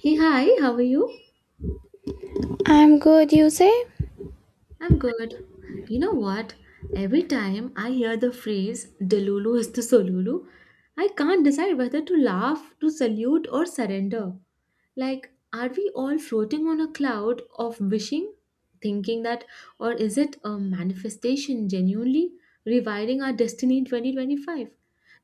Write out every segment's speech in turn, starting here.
Hey, hi, how are you? I'm good, you say? I'm good. You know what? Every time I hear the phrase Delulu is the Solulu, I can't decide whether to laugh, to salute, or surrender. Like, are we all floating on a cloud of wishing, thinking that, or is it a manifestation genuinely rewriting our destiny in 2025?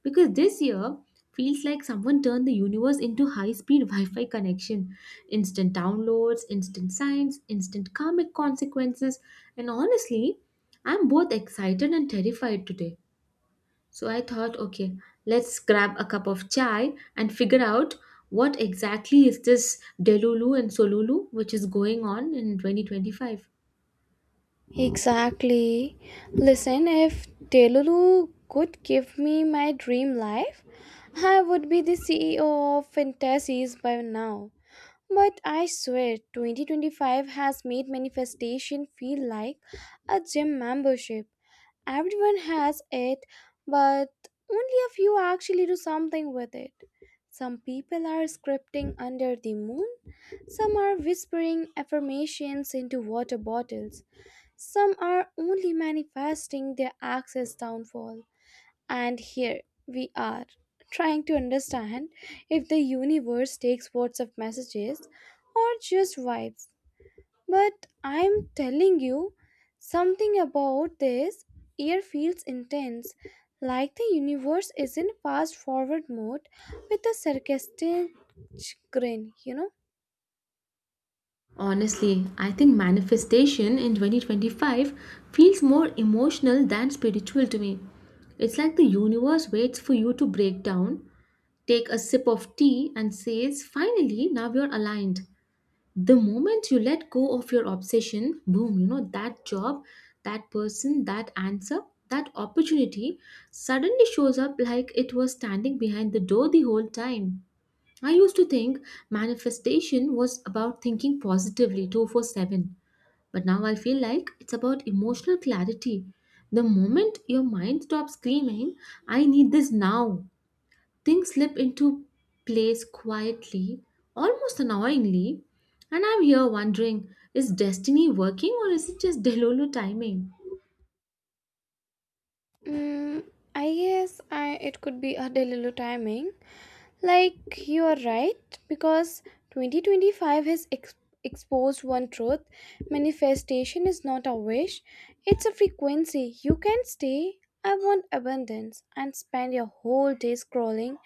Because this year feels like someone turned the universe into high-speed wi-fi connection. Instant downloads, instant signs, instant karmic consequences. And honestly, I'm both excited and terrified today. So I thought, okay, let's grab a cup of chai and figure out what exactly is this Delulu and Solulu which is going on in 2025. Exactly. Listen, if Delulu could give me my dream life, I would be the CEO of Fantasies by now. But I swear, 2025 has made manifestation feel like a gym membership. Everyone has it, but only a few actually do something with it. Some people are scripting under the moon, some are whispering affirmations into water bottles, some are only manifesting their access downfall. And here we are, trying to understand if the universe takes WhatsApp messages or just vibes. But I'm telling you, something about this year feels intense, like the universe is in fast forward mode with a sarcastic grin, you know? Honestly, I think manifestation in 2025 feels more emotional than spiritual to me. It's like the universe waits for you to break down, take a sip of tea, and says, Finally, now you're aligned. The moment you let go of your obsession, boom, you know, that job, that person, that answer, that opportunity suddenly shows up like it was standing behind the door the whole time. I used to think manifestation was about thinking positively 24/7, but now I feel like it's about emotional clarity. The moment your mind stops screaming, I need this now, things slip into place quietly, almost annoyingly. And I'm here wondering, is destiny working or is it just Delulu timing? Mm, I guess it could be a delulu timing. Like you are right, because 2025 has exposed one truth, manifestation is not a wish, it's a frequency. You can stay, I want abundance, and spend your whole day scrolling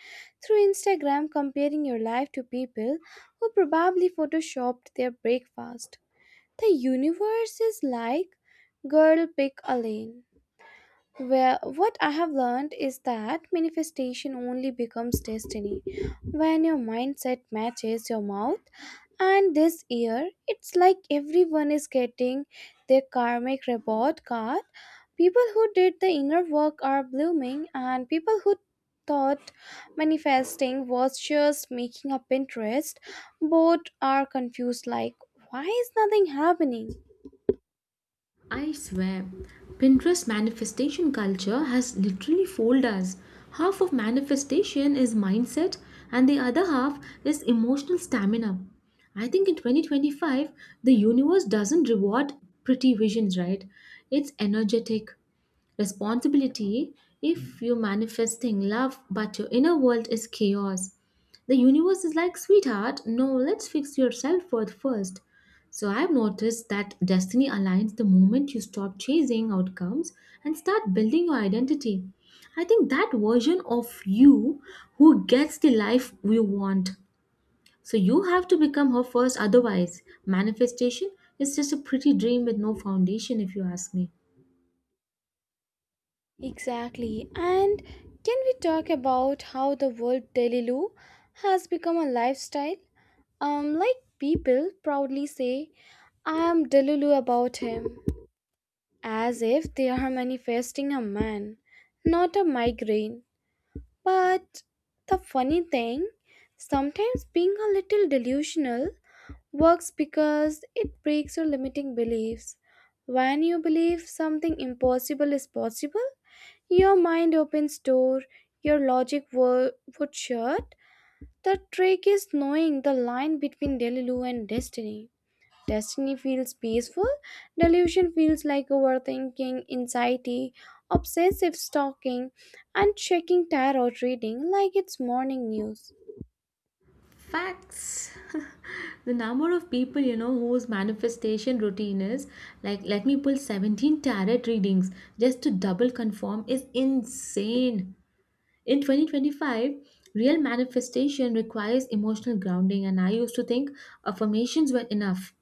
through Instagram comparing your life to people who probably photoshopped their breakfast. The universe is like, girl, pick a lane. Where what I have learned is that manifestation only becomes destiny when your mindset matches your mouth. And this year, it's like everyone is getting their karmic report card. People who did the inner work are blooming, and people who thought manifesting was just making a Pinterest, both are confused like, why is nothing happening? I swear, Pinterest manifestation culture has literally fooled us. Half of manifestation is mindset, and the other half is emotional stamina. I think in 2025, the universe doesn't reward pretty visions, right? It's energetic responsibility. If you're manifesting love but your inner world is chaos, the universe is like, sweetheart, no, let's fix your self-worth first. So I've noticed that destiny aligns the moment you stop chasing outcomes and start building your identity. I think that version of you who gets the life you want, so you have to become her first, otherwise manifestation is just a pretty dream with no foundation, if you ask me. Exactly. And can we talk about how the word daily loo has become a lifestyle? Like people proudly say, I am Delulu about him, as if they are manifesting a man, not a migraine. But the funny thing, sometimes being a little delusional works because it breaks your limiting beliefs. When you believe something impossible is possible, your mind opens door, your logic would shut. The trick is knowing the line between Delilu and destiny. Destiny feels peaceful, delusion feels like overthinking, anxiety, obsessive stalking, and checking tarot reading like it's morning news. Facts. The number of people you know whose manifestation routine is like, let me pull 17 tarot readings just to double confirm, is insane. In 2025, real manifestation requires emotional grounding, and I used to think affirmations were enough.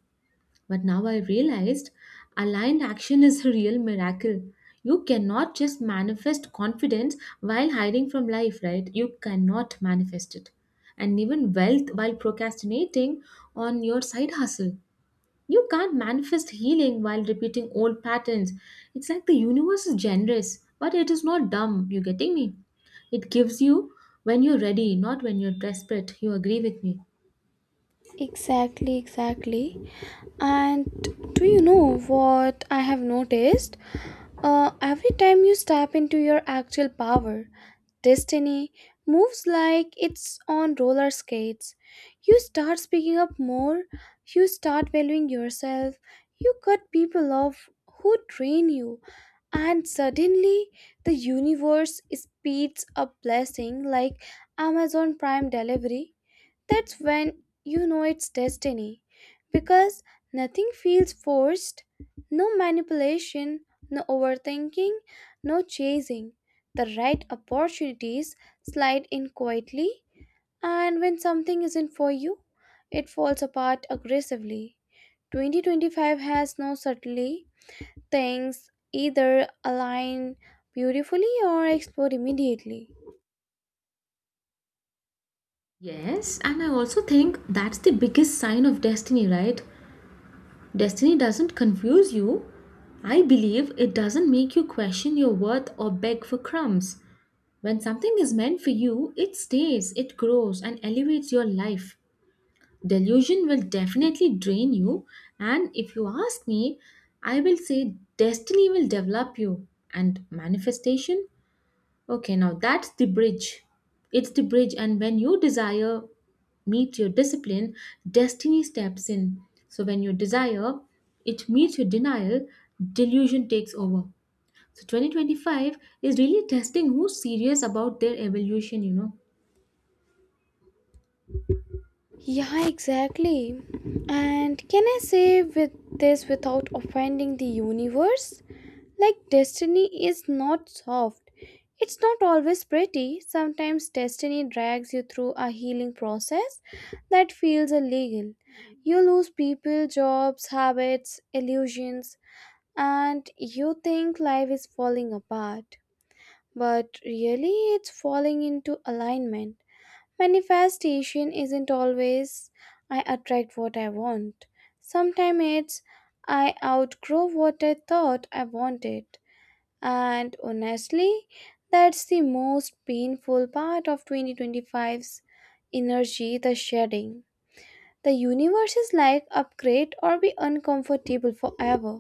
But now I realized aligned action is a real miracle. You cannot just manifest confidence while hiding from life, right? You cannot manifest it. And even wealth while procrastinating on your side hustle. You can't manifest healing while repeating old patterns. It's like the universe is generous, but it is not dumb. You getting me? It gives you when you're ready, not when you're desperate. You agree with me? Exactly, exactly. And do you know what I have noticed? Every time you step into your actual power, destiny moves like it's on roller skates. You start speaking up more, you start valuing yourself, you cut people off who drain you, and suddenly the universe speeds up blessing like Amazon Prime delivery. That's when you know it's destiny because nothing feels forced, no manipulation, no overthinking, no chasing. The right opportunities slide in quietly, and when something isn't for you, it falls apart aggressively. 2025 has no subtlety, things either align beautifully or explode immediately. Yes, and I also think that's the biggest sign of destiny, right? Destiny doesn't confuse you. I believe it doesn't make you question your worth or beg for crumbs. When something is meant for you, it stays, it grows, and elevates your life. Delusion will definitely drain you, and if you ask me, I will say destiny will develop you, and manifestation, okay, now that's the bridge. It's the bridge, and when your desire meets your discipline, destiny steps in. So when your desire it meets your denial, delusion takes over. So 2025 is really testing who's serious about their evolution, you know. Yeah, exactly. And can I say with this without offending the universe? Like destiny is not soft. It's not always pretty. Sometimes destiny drags you through a healing process that feels illegal. You lose people, jobs, habits, illusions, and you think life is falling apart. But really, it's falling into alignment. Manifestation isn't always I attract what I want. Sometimes it's I outgrow what I thought I wanted. And honestly, that's the most painful part of 2025's energy, the shedding. The universe is like upgrade or be uncomfortable forever.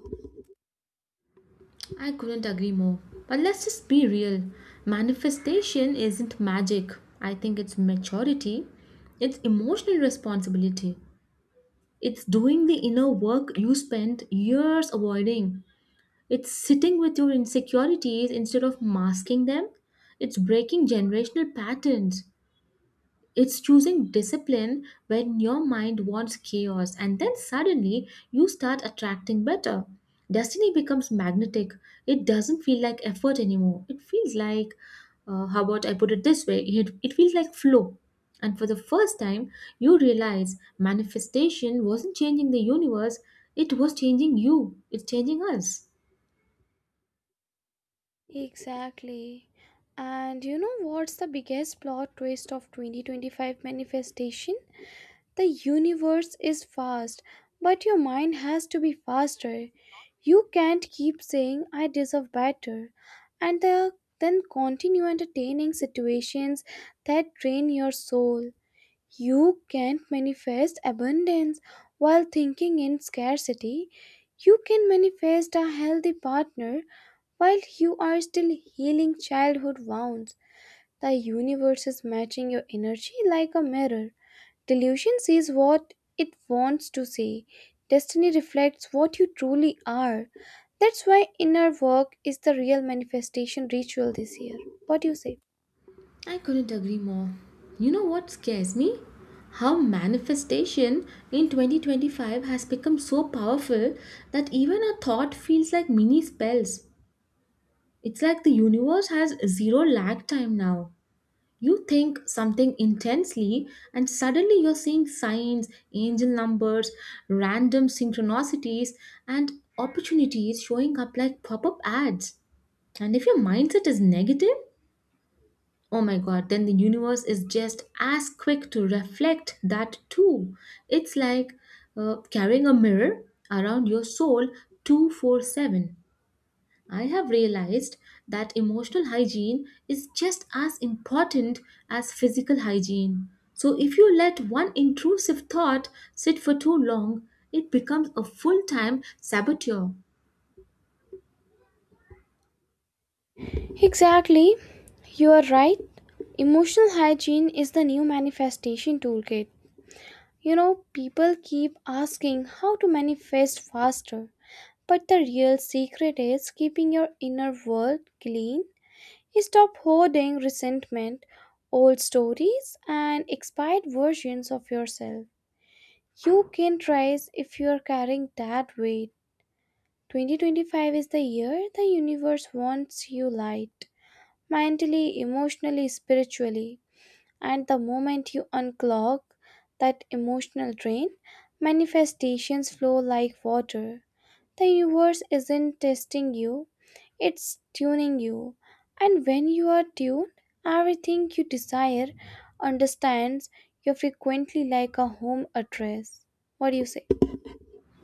I couldn't agree more. But let's just be real. Manifestation isn't magic. I think it's maturity. It's emotional responsibility. It's doing the inner work you spent years avoiding. It's sitting with your insecurities instead of masking them. It's breaking generational patterns. It's choosing discipline when your mind wants chaos, and then suddenly you start attracting better. Destiny becomes magnetic. It doesn't feel like effort anymore. It feels like, how about I put it this way? It feels like flow. And for the first time, you realize manifestation wasn't changing the universe, it was changing you, it's changing us. Exactly. And you know what's the biggest plot twist of 2025 manifestation? The universe is fast, but your mind has to be faster. You can't keep saying, I deserve better, and then continue entertaining situations that drain your soul. You can't manifest abundance while thinking in scarcity. You can manifest a healthy partner while you are still healing childhood wounds. The universe is matching your energy like a mirror. Delusion sees what it wants to see. Destiny reflects what you truly are. That's why inner work is the real manifestation ritual this year. What do you say? I couldn't agree more. You know what scares me? How manifestation in 2025 has become so powerful that even a thought feels like mini spells. It's like the universe has zero lag time now. You think something intensely, and suddenly you're seeing signs, angel numbers, random synchronicities, and opportunities showing up like pop up ads. And if your mindset is negative, oh my god, then the universe is just as quick to reflect that too. It's like, carrying a mirror around your soul 24/7. I have realized that emotional hygiene is just as important as physical hygiene. So, if you let one intrusive thought sit for too long, it becomes a full time saboteur. Exactly. You are right. Emotional hygiene is the new manifestation toolkit. You know, people keep asking how to manifest faster, but the real secret is keeping your inner world clean. He stopped hoarding resentment, old stories, and expired versions of yourself. You can rise if you are carrying that weight. 2025 is the year the universe wants you light, mentally, emotionally, spiritually. And the moment you unclog that emotional drain, manifestations flow like water. The universe isn't testing you, it's tuning you. And when you are tuned, everything you desire understands you frequently like a home address. What do you say?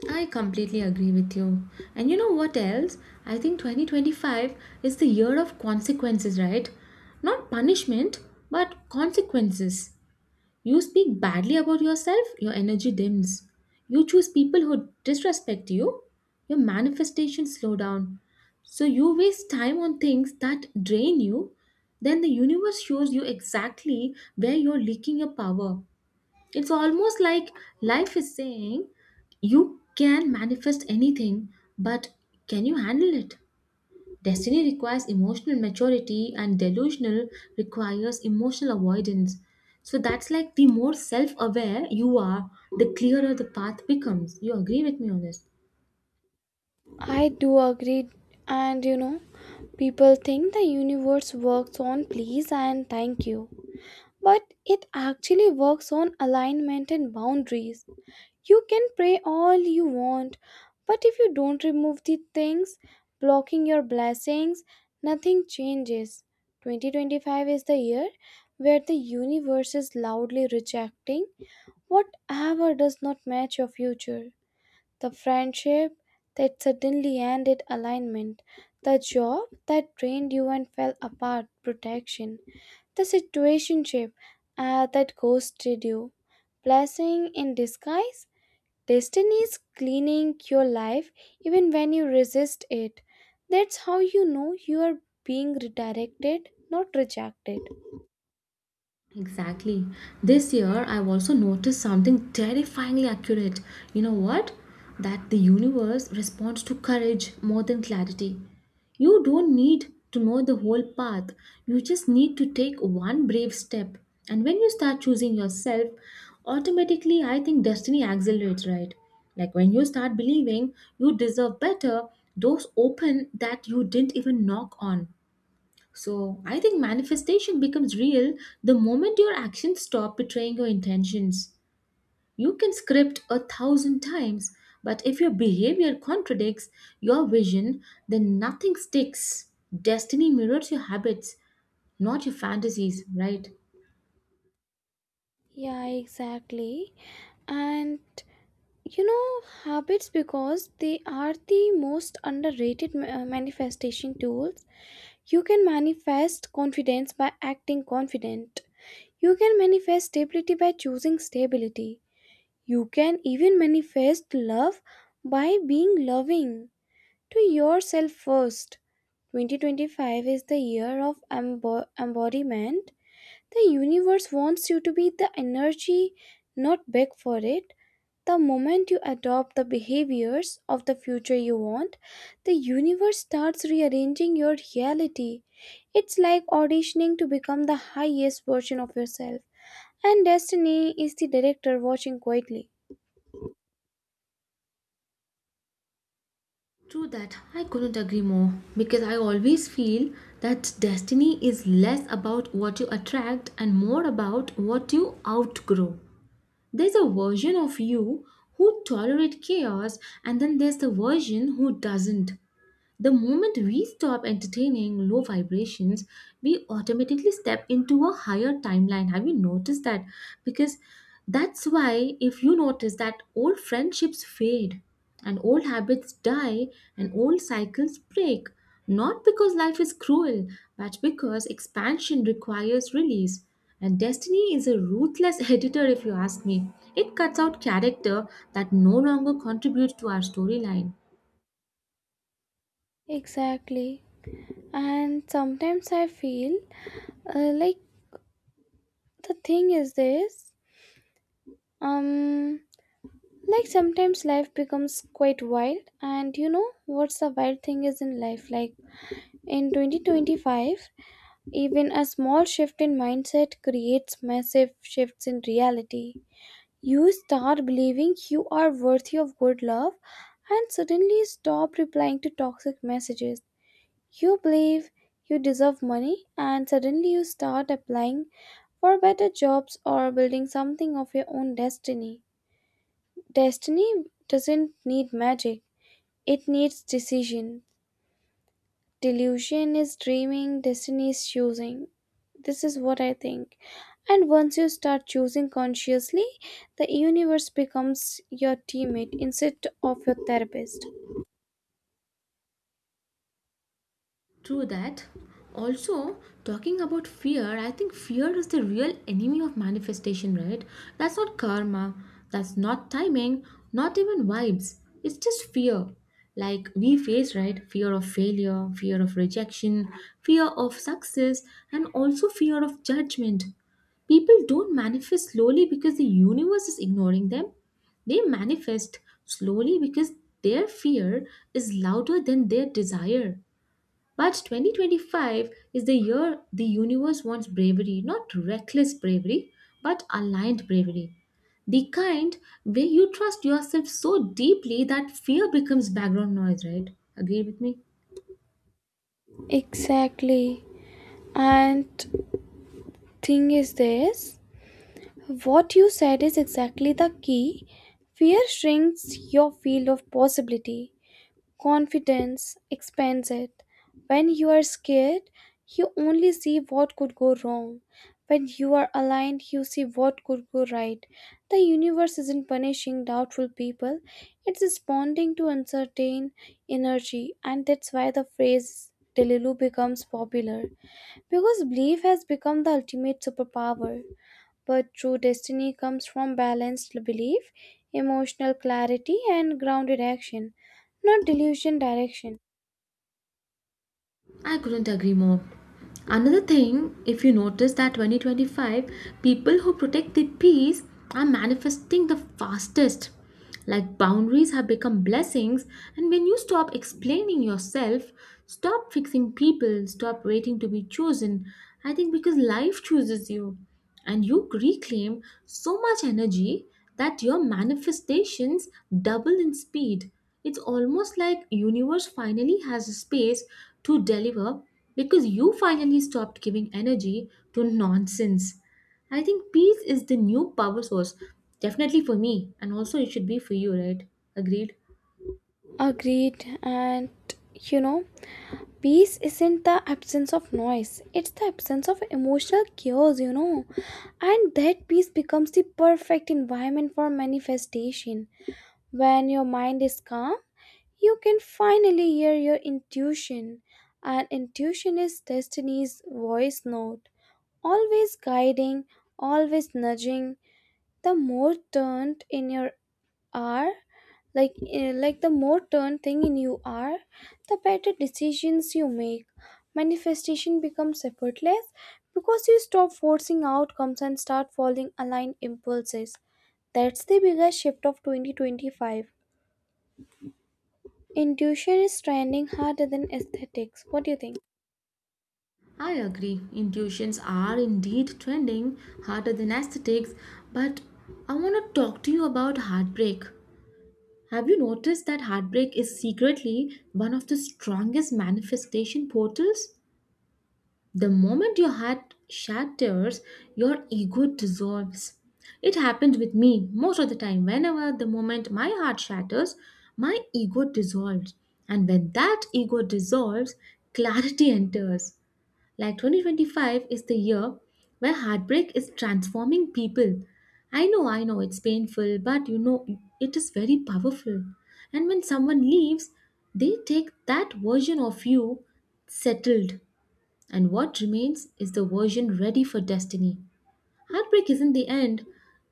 I completely agree with you. And you know what else? I think 2025 is the year of consequences, right? Not punishment, but consequences. You speak badly about yourself, your energy dims. You choose people who disrespect you, your manifestations slow down. So you waste time on things that drain you, then the universe shows you exactly where you're leaking your power. It's almost like life is saying, you can manifest anything, but can you handle it? Destiny requires emotional maturity, and delusional requires emotional avoidance. So that's like the more self aware you are, the clearer the path becomes. You agree with me on this? I do agree. And you know, people think the universe works on please and thank you, but it actually works on alignment and boundaries. You can pray all you want, but if you don't remove the things blocking your blessings, nothing changes. 2025 is the year where the universe is loudly rejecting whatever does not match your future. The friendship that suddenly ended alignment, the job that drained you and fell apart, protection, the situationship that ghosted you, blessing in disguise. Destiny is cleaning your life even when you resist it. That's how you know you are being redirected, not rejected. Exactly. This year, I've also noticed something terrifyingly accurate. You know what? That the universe responds to courage more than clarity. You don't need to know the whole path, you just need to take one brave step. And when you start choosing yourself, automatically, I think destiny accelerates, right? Like when you start believing you deserve better, doors open that you didn't even knock on. So I think manifestation becomes real the moment your actions stop betraying your intentions. You can script a thousand times, but if your behavior contradicts your vision, then nothing sticks. Destiny mirrors your habits, not your fantasies, right? Yeah, exactly. And you know, habits because they are the most underrated manifestation tools. You can manifest confidence by acting confident. You can manifest stability by choosing stability. You can even manifest love by being loving to yourself first. 2025 is the year of embodiment. The universe wants you to be the energy, not beg for it. The moment you adopt the behaviors of the future you want, the universe starts rearranging your reality. It's like auditioning to become the highest version of yourself, and destiny is the director watching quietly. True that, I couldn't agree more because I always feel that destiny is less about what you attract and more about what you outgrow. There's a version of you who tolerate chaos, and then there's the version who doesn't. The moment we stop entertaining low vibrations, we automatically step into a higher timeline. Have you noticed that? Because that's why, if you notice that old friendships fade and old habits die and old cycles break, not because life is cruel, but because expansion requires release. And destiny is a ruthless editor, if you ask me. It cuts out character that no longer contributes to our storyline. Exactly. And sometimes I feel like the thing is this, um like sometimes life becomes quite wild. And you know what's the wild thing is in life? Like in 2025, even a small shift in mindset creates massive shifts in reality. You start believing you are worthy of good love and suddenly stop replying to toxic messages. You believe you deserve money and suddenly you start applying for better jobs or building something of your own destiny. Destiny doesn't need magic, it needs decision. Delusion is dreaming, destiny is choosing. This is what I think. And once you start choosing consciously, the universe becomes your teammate instead of your therapist. True that. Also, talking about fear, I think fear is the real enemy of manifestation, right? That's not karma, that's not timing, not even vibes. It's just fear. Like we face, right? Fear of failure, fear of rejection, fear of success, and also fear of judgment. People don't manifest slowly because the universe is ignoring them. They manifest slowly because their fear is louder than their desire. But 2025 is the year the universe wants bravery, not reckless bravery, but aligned bravery. The kind where you trust yourself so deeply that fear becomes background noise, right? Agree with me? Exactly. And thing is this, what you said is exactly the key. Fear shrinks your field of possibility. Confidence expands it. When you are scared, you only see what could go wrong. When you are aligned, you see what could go right. The universe isn't punishing doubtful people, it's responding to uncertain energy, and that's why the phrase Delilu becomes popular because belief has become the ultimate superpower. But true destiny comes from balanced belief, emotional clarity, and grounded action, not delusion direction. I couldn't agree more. Another thing, if you notice that 2025, people who protect the peace are manifesting the fastest. Like boundaries have become blessings, and when you stop explaining yourself, stop fixing people, stop waiting to be chosen, I think because life chooses you and you reclaim so much energy that your manifestations double in speed. It's almost like universe finally has a space to deliver because you finally stopped giving energy to nonsense. I think peace is the new power source, definitely for me, and also it should be for you, right? Agreed. Agreed. And you know, peace isn't the absence of noise, it's the absence of emotional chaos, you know. And that peace becomes the perfect environment for manifestation. When your mind is calm, you can finally hear your intuition, and intuition is destiny's voice note, always guiding, always nudging. The more turned in your are, like the more turned thing in you are, the better decisions you make. Manifestation becomes effortless because you stop forcing outcomes and start following aligned impulses. That's the biggest shift of 2025. Intuition is trending harder than aesthetics. What do you think? I agree. Intuitions are indeed trending harder than aesthetics, but I want to talk to you about heartbreak. Have you noticed that heartbreak is secretly one of the strongest manifestation portals? The moment your heart shatters, your ego dissolves. It happened with me most of the time. Whenever the moment my heart shatters, my ego dissolves. And when that ego dissolves, clarity enters. Like 2025 is the year where heartbreak is transforming people. I know, it's painful, but you know, it is very powerful. And when someone leaves, they take that version of you settled, and what remains is the version ready for destiny. Heartbreak isn't the end.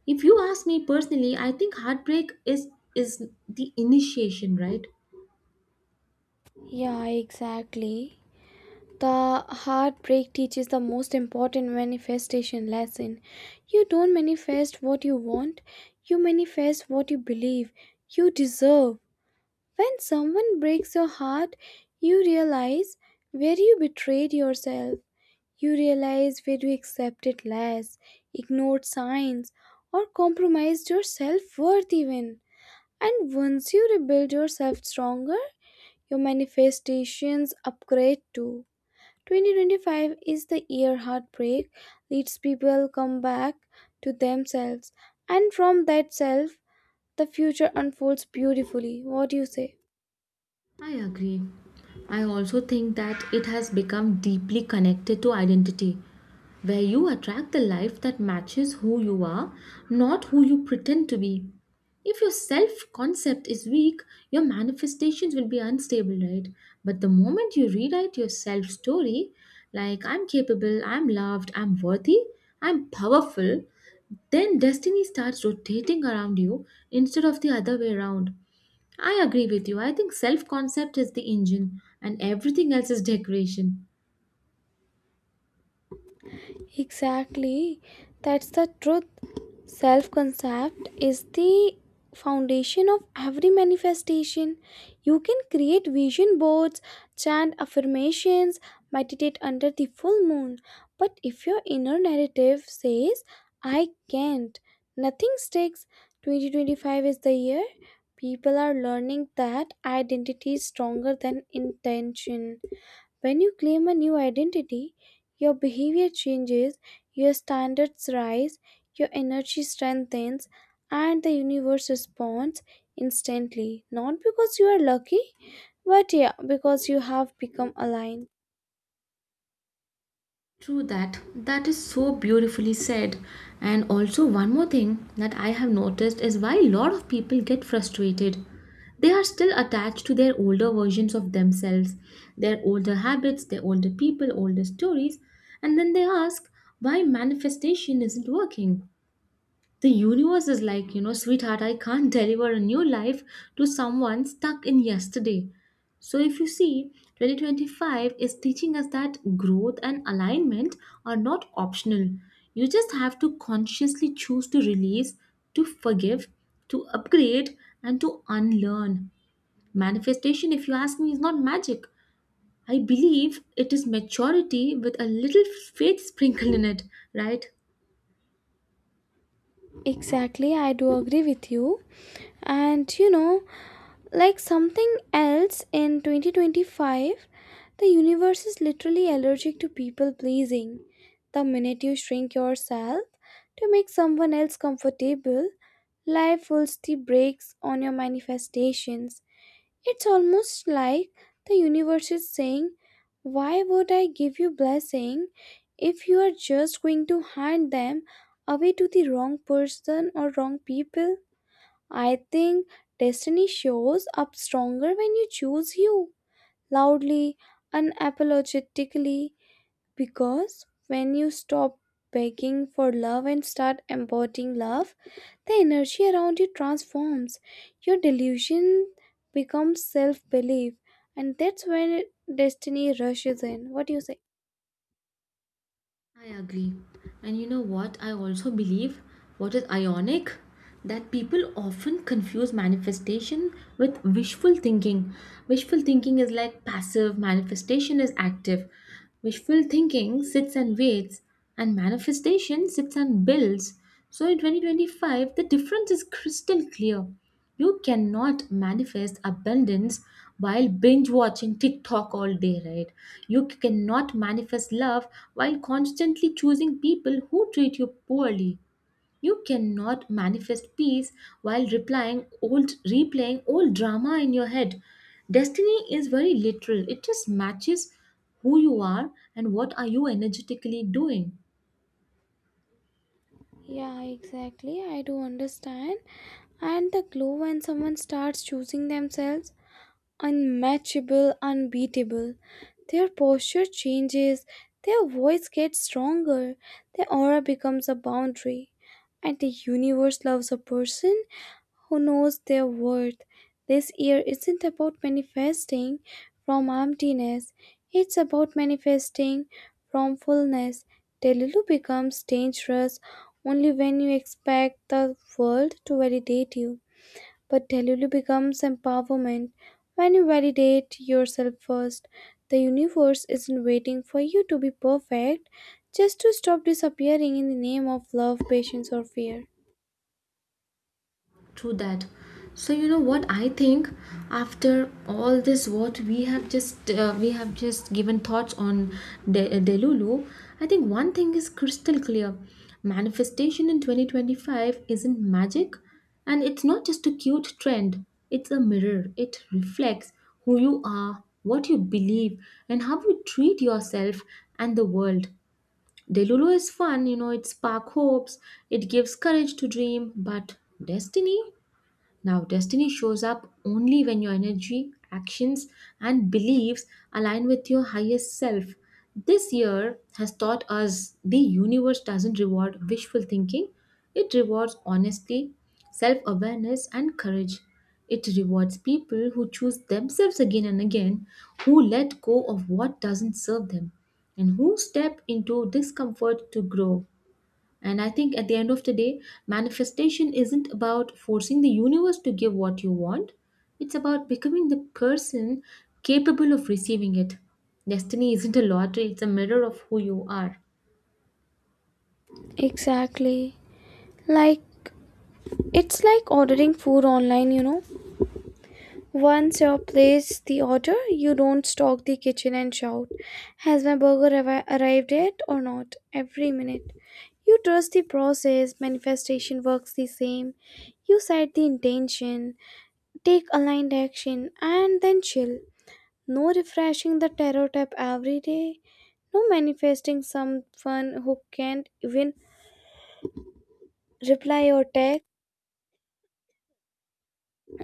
If you ask me personally, I think heartbreak is the initiation, right? Yeah, exactly. The heartbreak teaches the most important manifestation lesson. You don't manifest what you want, you manifest what you believe you deserve. When someone breaks your heart, you realize where you betrayed yourself. You realize where you accepted less, ignored signs, or compromised your self worth even. And once you rebuild yourself stronger, your manifestations upgrade too. 2025 is the year heartbreak leads people come back to themselves, and from that self, the future unfolds beautifully. What do you say? I agree. I also think that it has become deeply connected to identity, where you attract the life that matches who you are, not who you pretend to be. If your self concept is weak, your manifestations will be unstable, right? But the moment you rewrite your self story, like I'm capable, I'm loved, I'm worthy, I'm powerful, then destiny starts rotating around you instead of the other way around. I agree with you. I think self concept is the engine and everything else is decoration. Exactly. That's the truth. Self concept is the foundation of every manifestation. You can create vision boards, chant affirmations, meditate under the full moon. But if your inner narrative says, I can't, nothing sticks. 2025 is the year. People are learning that identity is stronger than intention. When you claim a new identity, your behavior changes, your standards rise, your energy strengthens, and the universe responds instantly. Not because you are lucky, but yeah, because you have become aligned. True that. That is so beautifully said. And also, one more thing that I have noticed is why a lot of people get frustrated. They are still attached to their older versions of themselves, their older habits, their older people, older stories, and then they ask why manifestation isn't working. The universe is like, you know, sweetheart, I can't deliver a new life to someone stuck in yesterday. So, if you see, 2025 is teaching us that growth and alignment are not optional. You just have to consciously choose to release, to forgive, to upgrade, and to unlearn. Manifestation, if you ask me, is not magic. I believe it is maturity with a little faith sprinkled in it, right? Exactly, I do agree with you. And you know, like something else in 2025. The universe is literally allergic to people pleasing. The minute you shrink yourself to make someone else comfortable, life pulls the brakes on your manifestations. It's almost like the universe is saying, why would I give you blessing if you are just going to hand them away to the wrong person or wrong people? I think destiny shows up stronger when you choose you loudly, unapologetically, because when you stop begging for love and start embodying love, the energy around you transforms. Your delusion becomes self belief, and that's when destiny rushes in. What do you say? I agree. And you know what? I also believe what is ionic that people often confuse manifestation with wishful thinking. Wishful thinking is like passive, manifestation is active. Wishful thinking sits and waits, and manifestation sits and builds. So in 2025, the difference is crystal clear. You cannot manifest abundance while binge watching TikTok all day, right? You cannot manifest love while constantly choosing people who treat you poorly. You cannot manifest peace while replying old replaying old drama in your head. Destiny is very literal. It just matches who you are and what are you energetically doing. Yeah, exactly. I do understand. And the glow when someone starts choosing themselves, unmatchable, unbeatable. Their posture changes, their voice gets stronger, their aura becomes a boundary. And the universe loves a person who knows their worth. This year isn't about manifesting from emptiness, it's about manifesting from fullness. Delulu becomes dangerous only when you expect the world to validate you. But Delulu becomes empowerment when you validate yourself first. The universe isn't waiting for you to be perfect just to stop disappearing in the name of love, patience, or fear. True that. So you know what I think after all this what we have just given thoughts on Delulu. I think one thing is crystal clear: manifestation in 2025 isn't magic, and it's not just a cute trend. It's a mirror. It reflects who you are, what you believe, and how you treat yourself and the world. Delulu is fun, you know, it sparks hopes, it gives courage to dream, but destiny, now, destiny shows up only when your energy, actions, and beliefs align with your highest self. This year has taught us the universe doesn't reward wishful thinking, it rewards honesty, self awareness, and courage. It rewards people who choose themselves again and again, who let go of what doesn't serve them, and who step into discomfort to grow. And I think at the end of the day, manifestation isn't about forcing the universe to give what you want, it's about becoming the person capable of receiving it. Destiny isn't a lottery, it's a mirror of who you are. Exactly. Like, it's like ordering food online, you know. Once you place the order, you don't stalk the kitchen and shout, has my burger arrived yet or not? Every minute. You trust the process, manifestation works the same. You set the intention, take aligned action, and then chill. No refreshing the tarot app every day. No manifesting someone who can't even reply or text.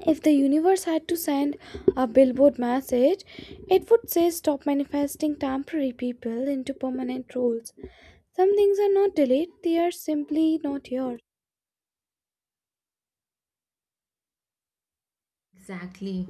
If the universe had to send a billboard message, it would say stop manifesting temporary people into permanent roles. Some things are not delayed, they are simply not yours. Exactly.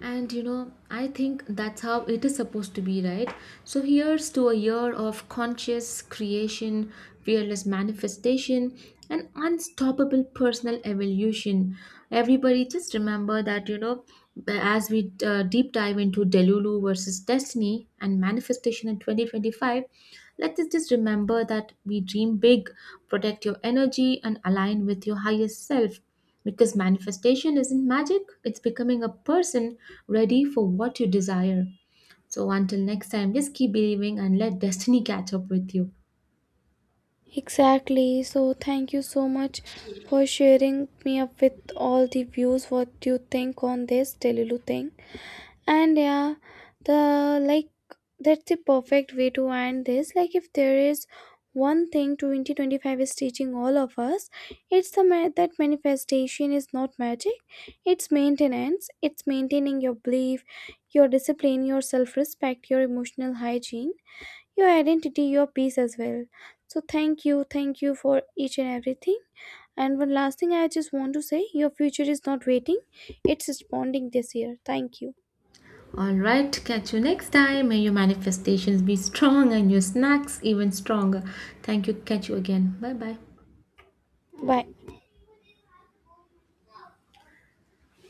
And you know, I think that's how it is supposed to be, right? So here's to a year of conscious creation, fearless manifestation, and unstoppable personal evolution. Everybody, just remember that, you know, as we deep dive into Delulu versus Destiny and manifestation in 2025, let us just remember that we dream big, protect your energy, and align with your highest self, because manifestation isn't magic, it's becoming a person ready for what you desire. So until next time, just keep believing and let destiny catch up with you. Exactly. So thank you so much for sharing me up with all the views what you think on this Delulu thing. And yeah, the like that's the perfect way to end this. Like if there is one thing 2025 is teaching all of us, it's the that manifestation is not magic. It's maintenance. It's maintaining your belief, your discipline, your self-respect, your emotional hygiene, your identity, your peace as well. So thank you for each and everything. And one last thing I just want to say, your future is not waiting. It's responding this year. Thank you. All right, catch you next time. May your manifestations be strong and your snacks even stronger. Thank you. Catch you again. Bye bye. Bye.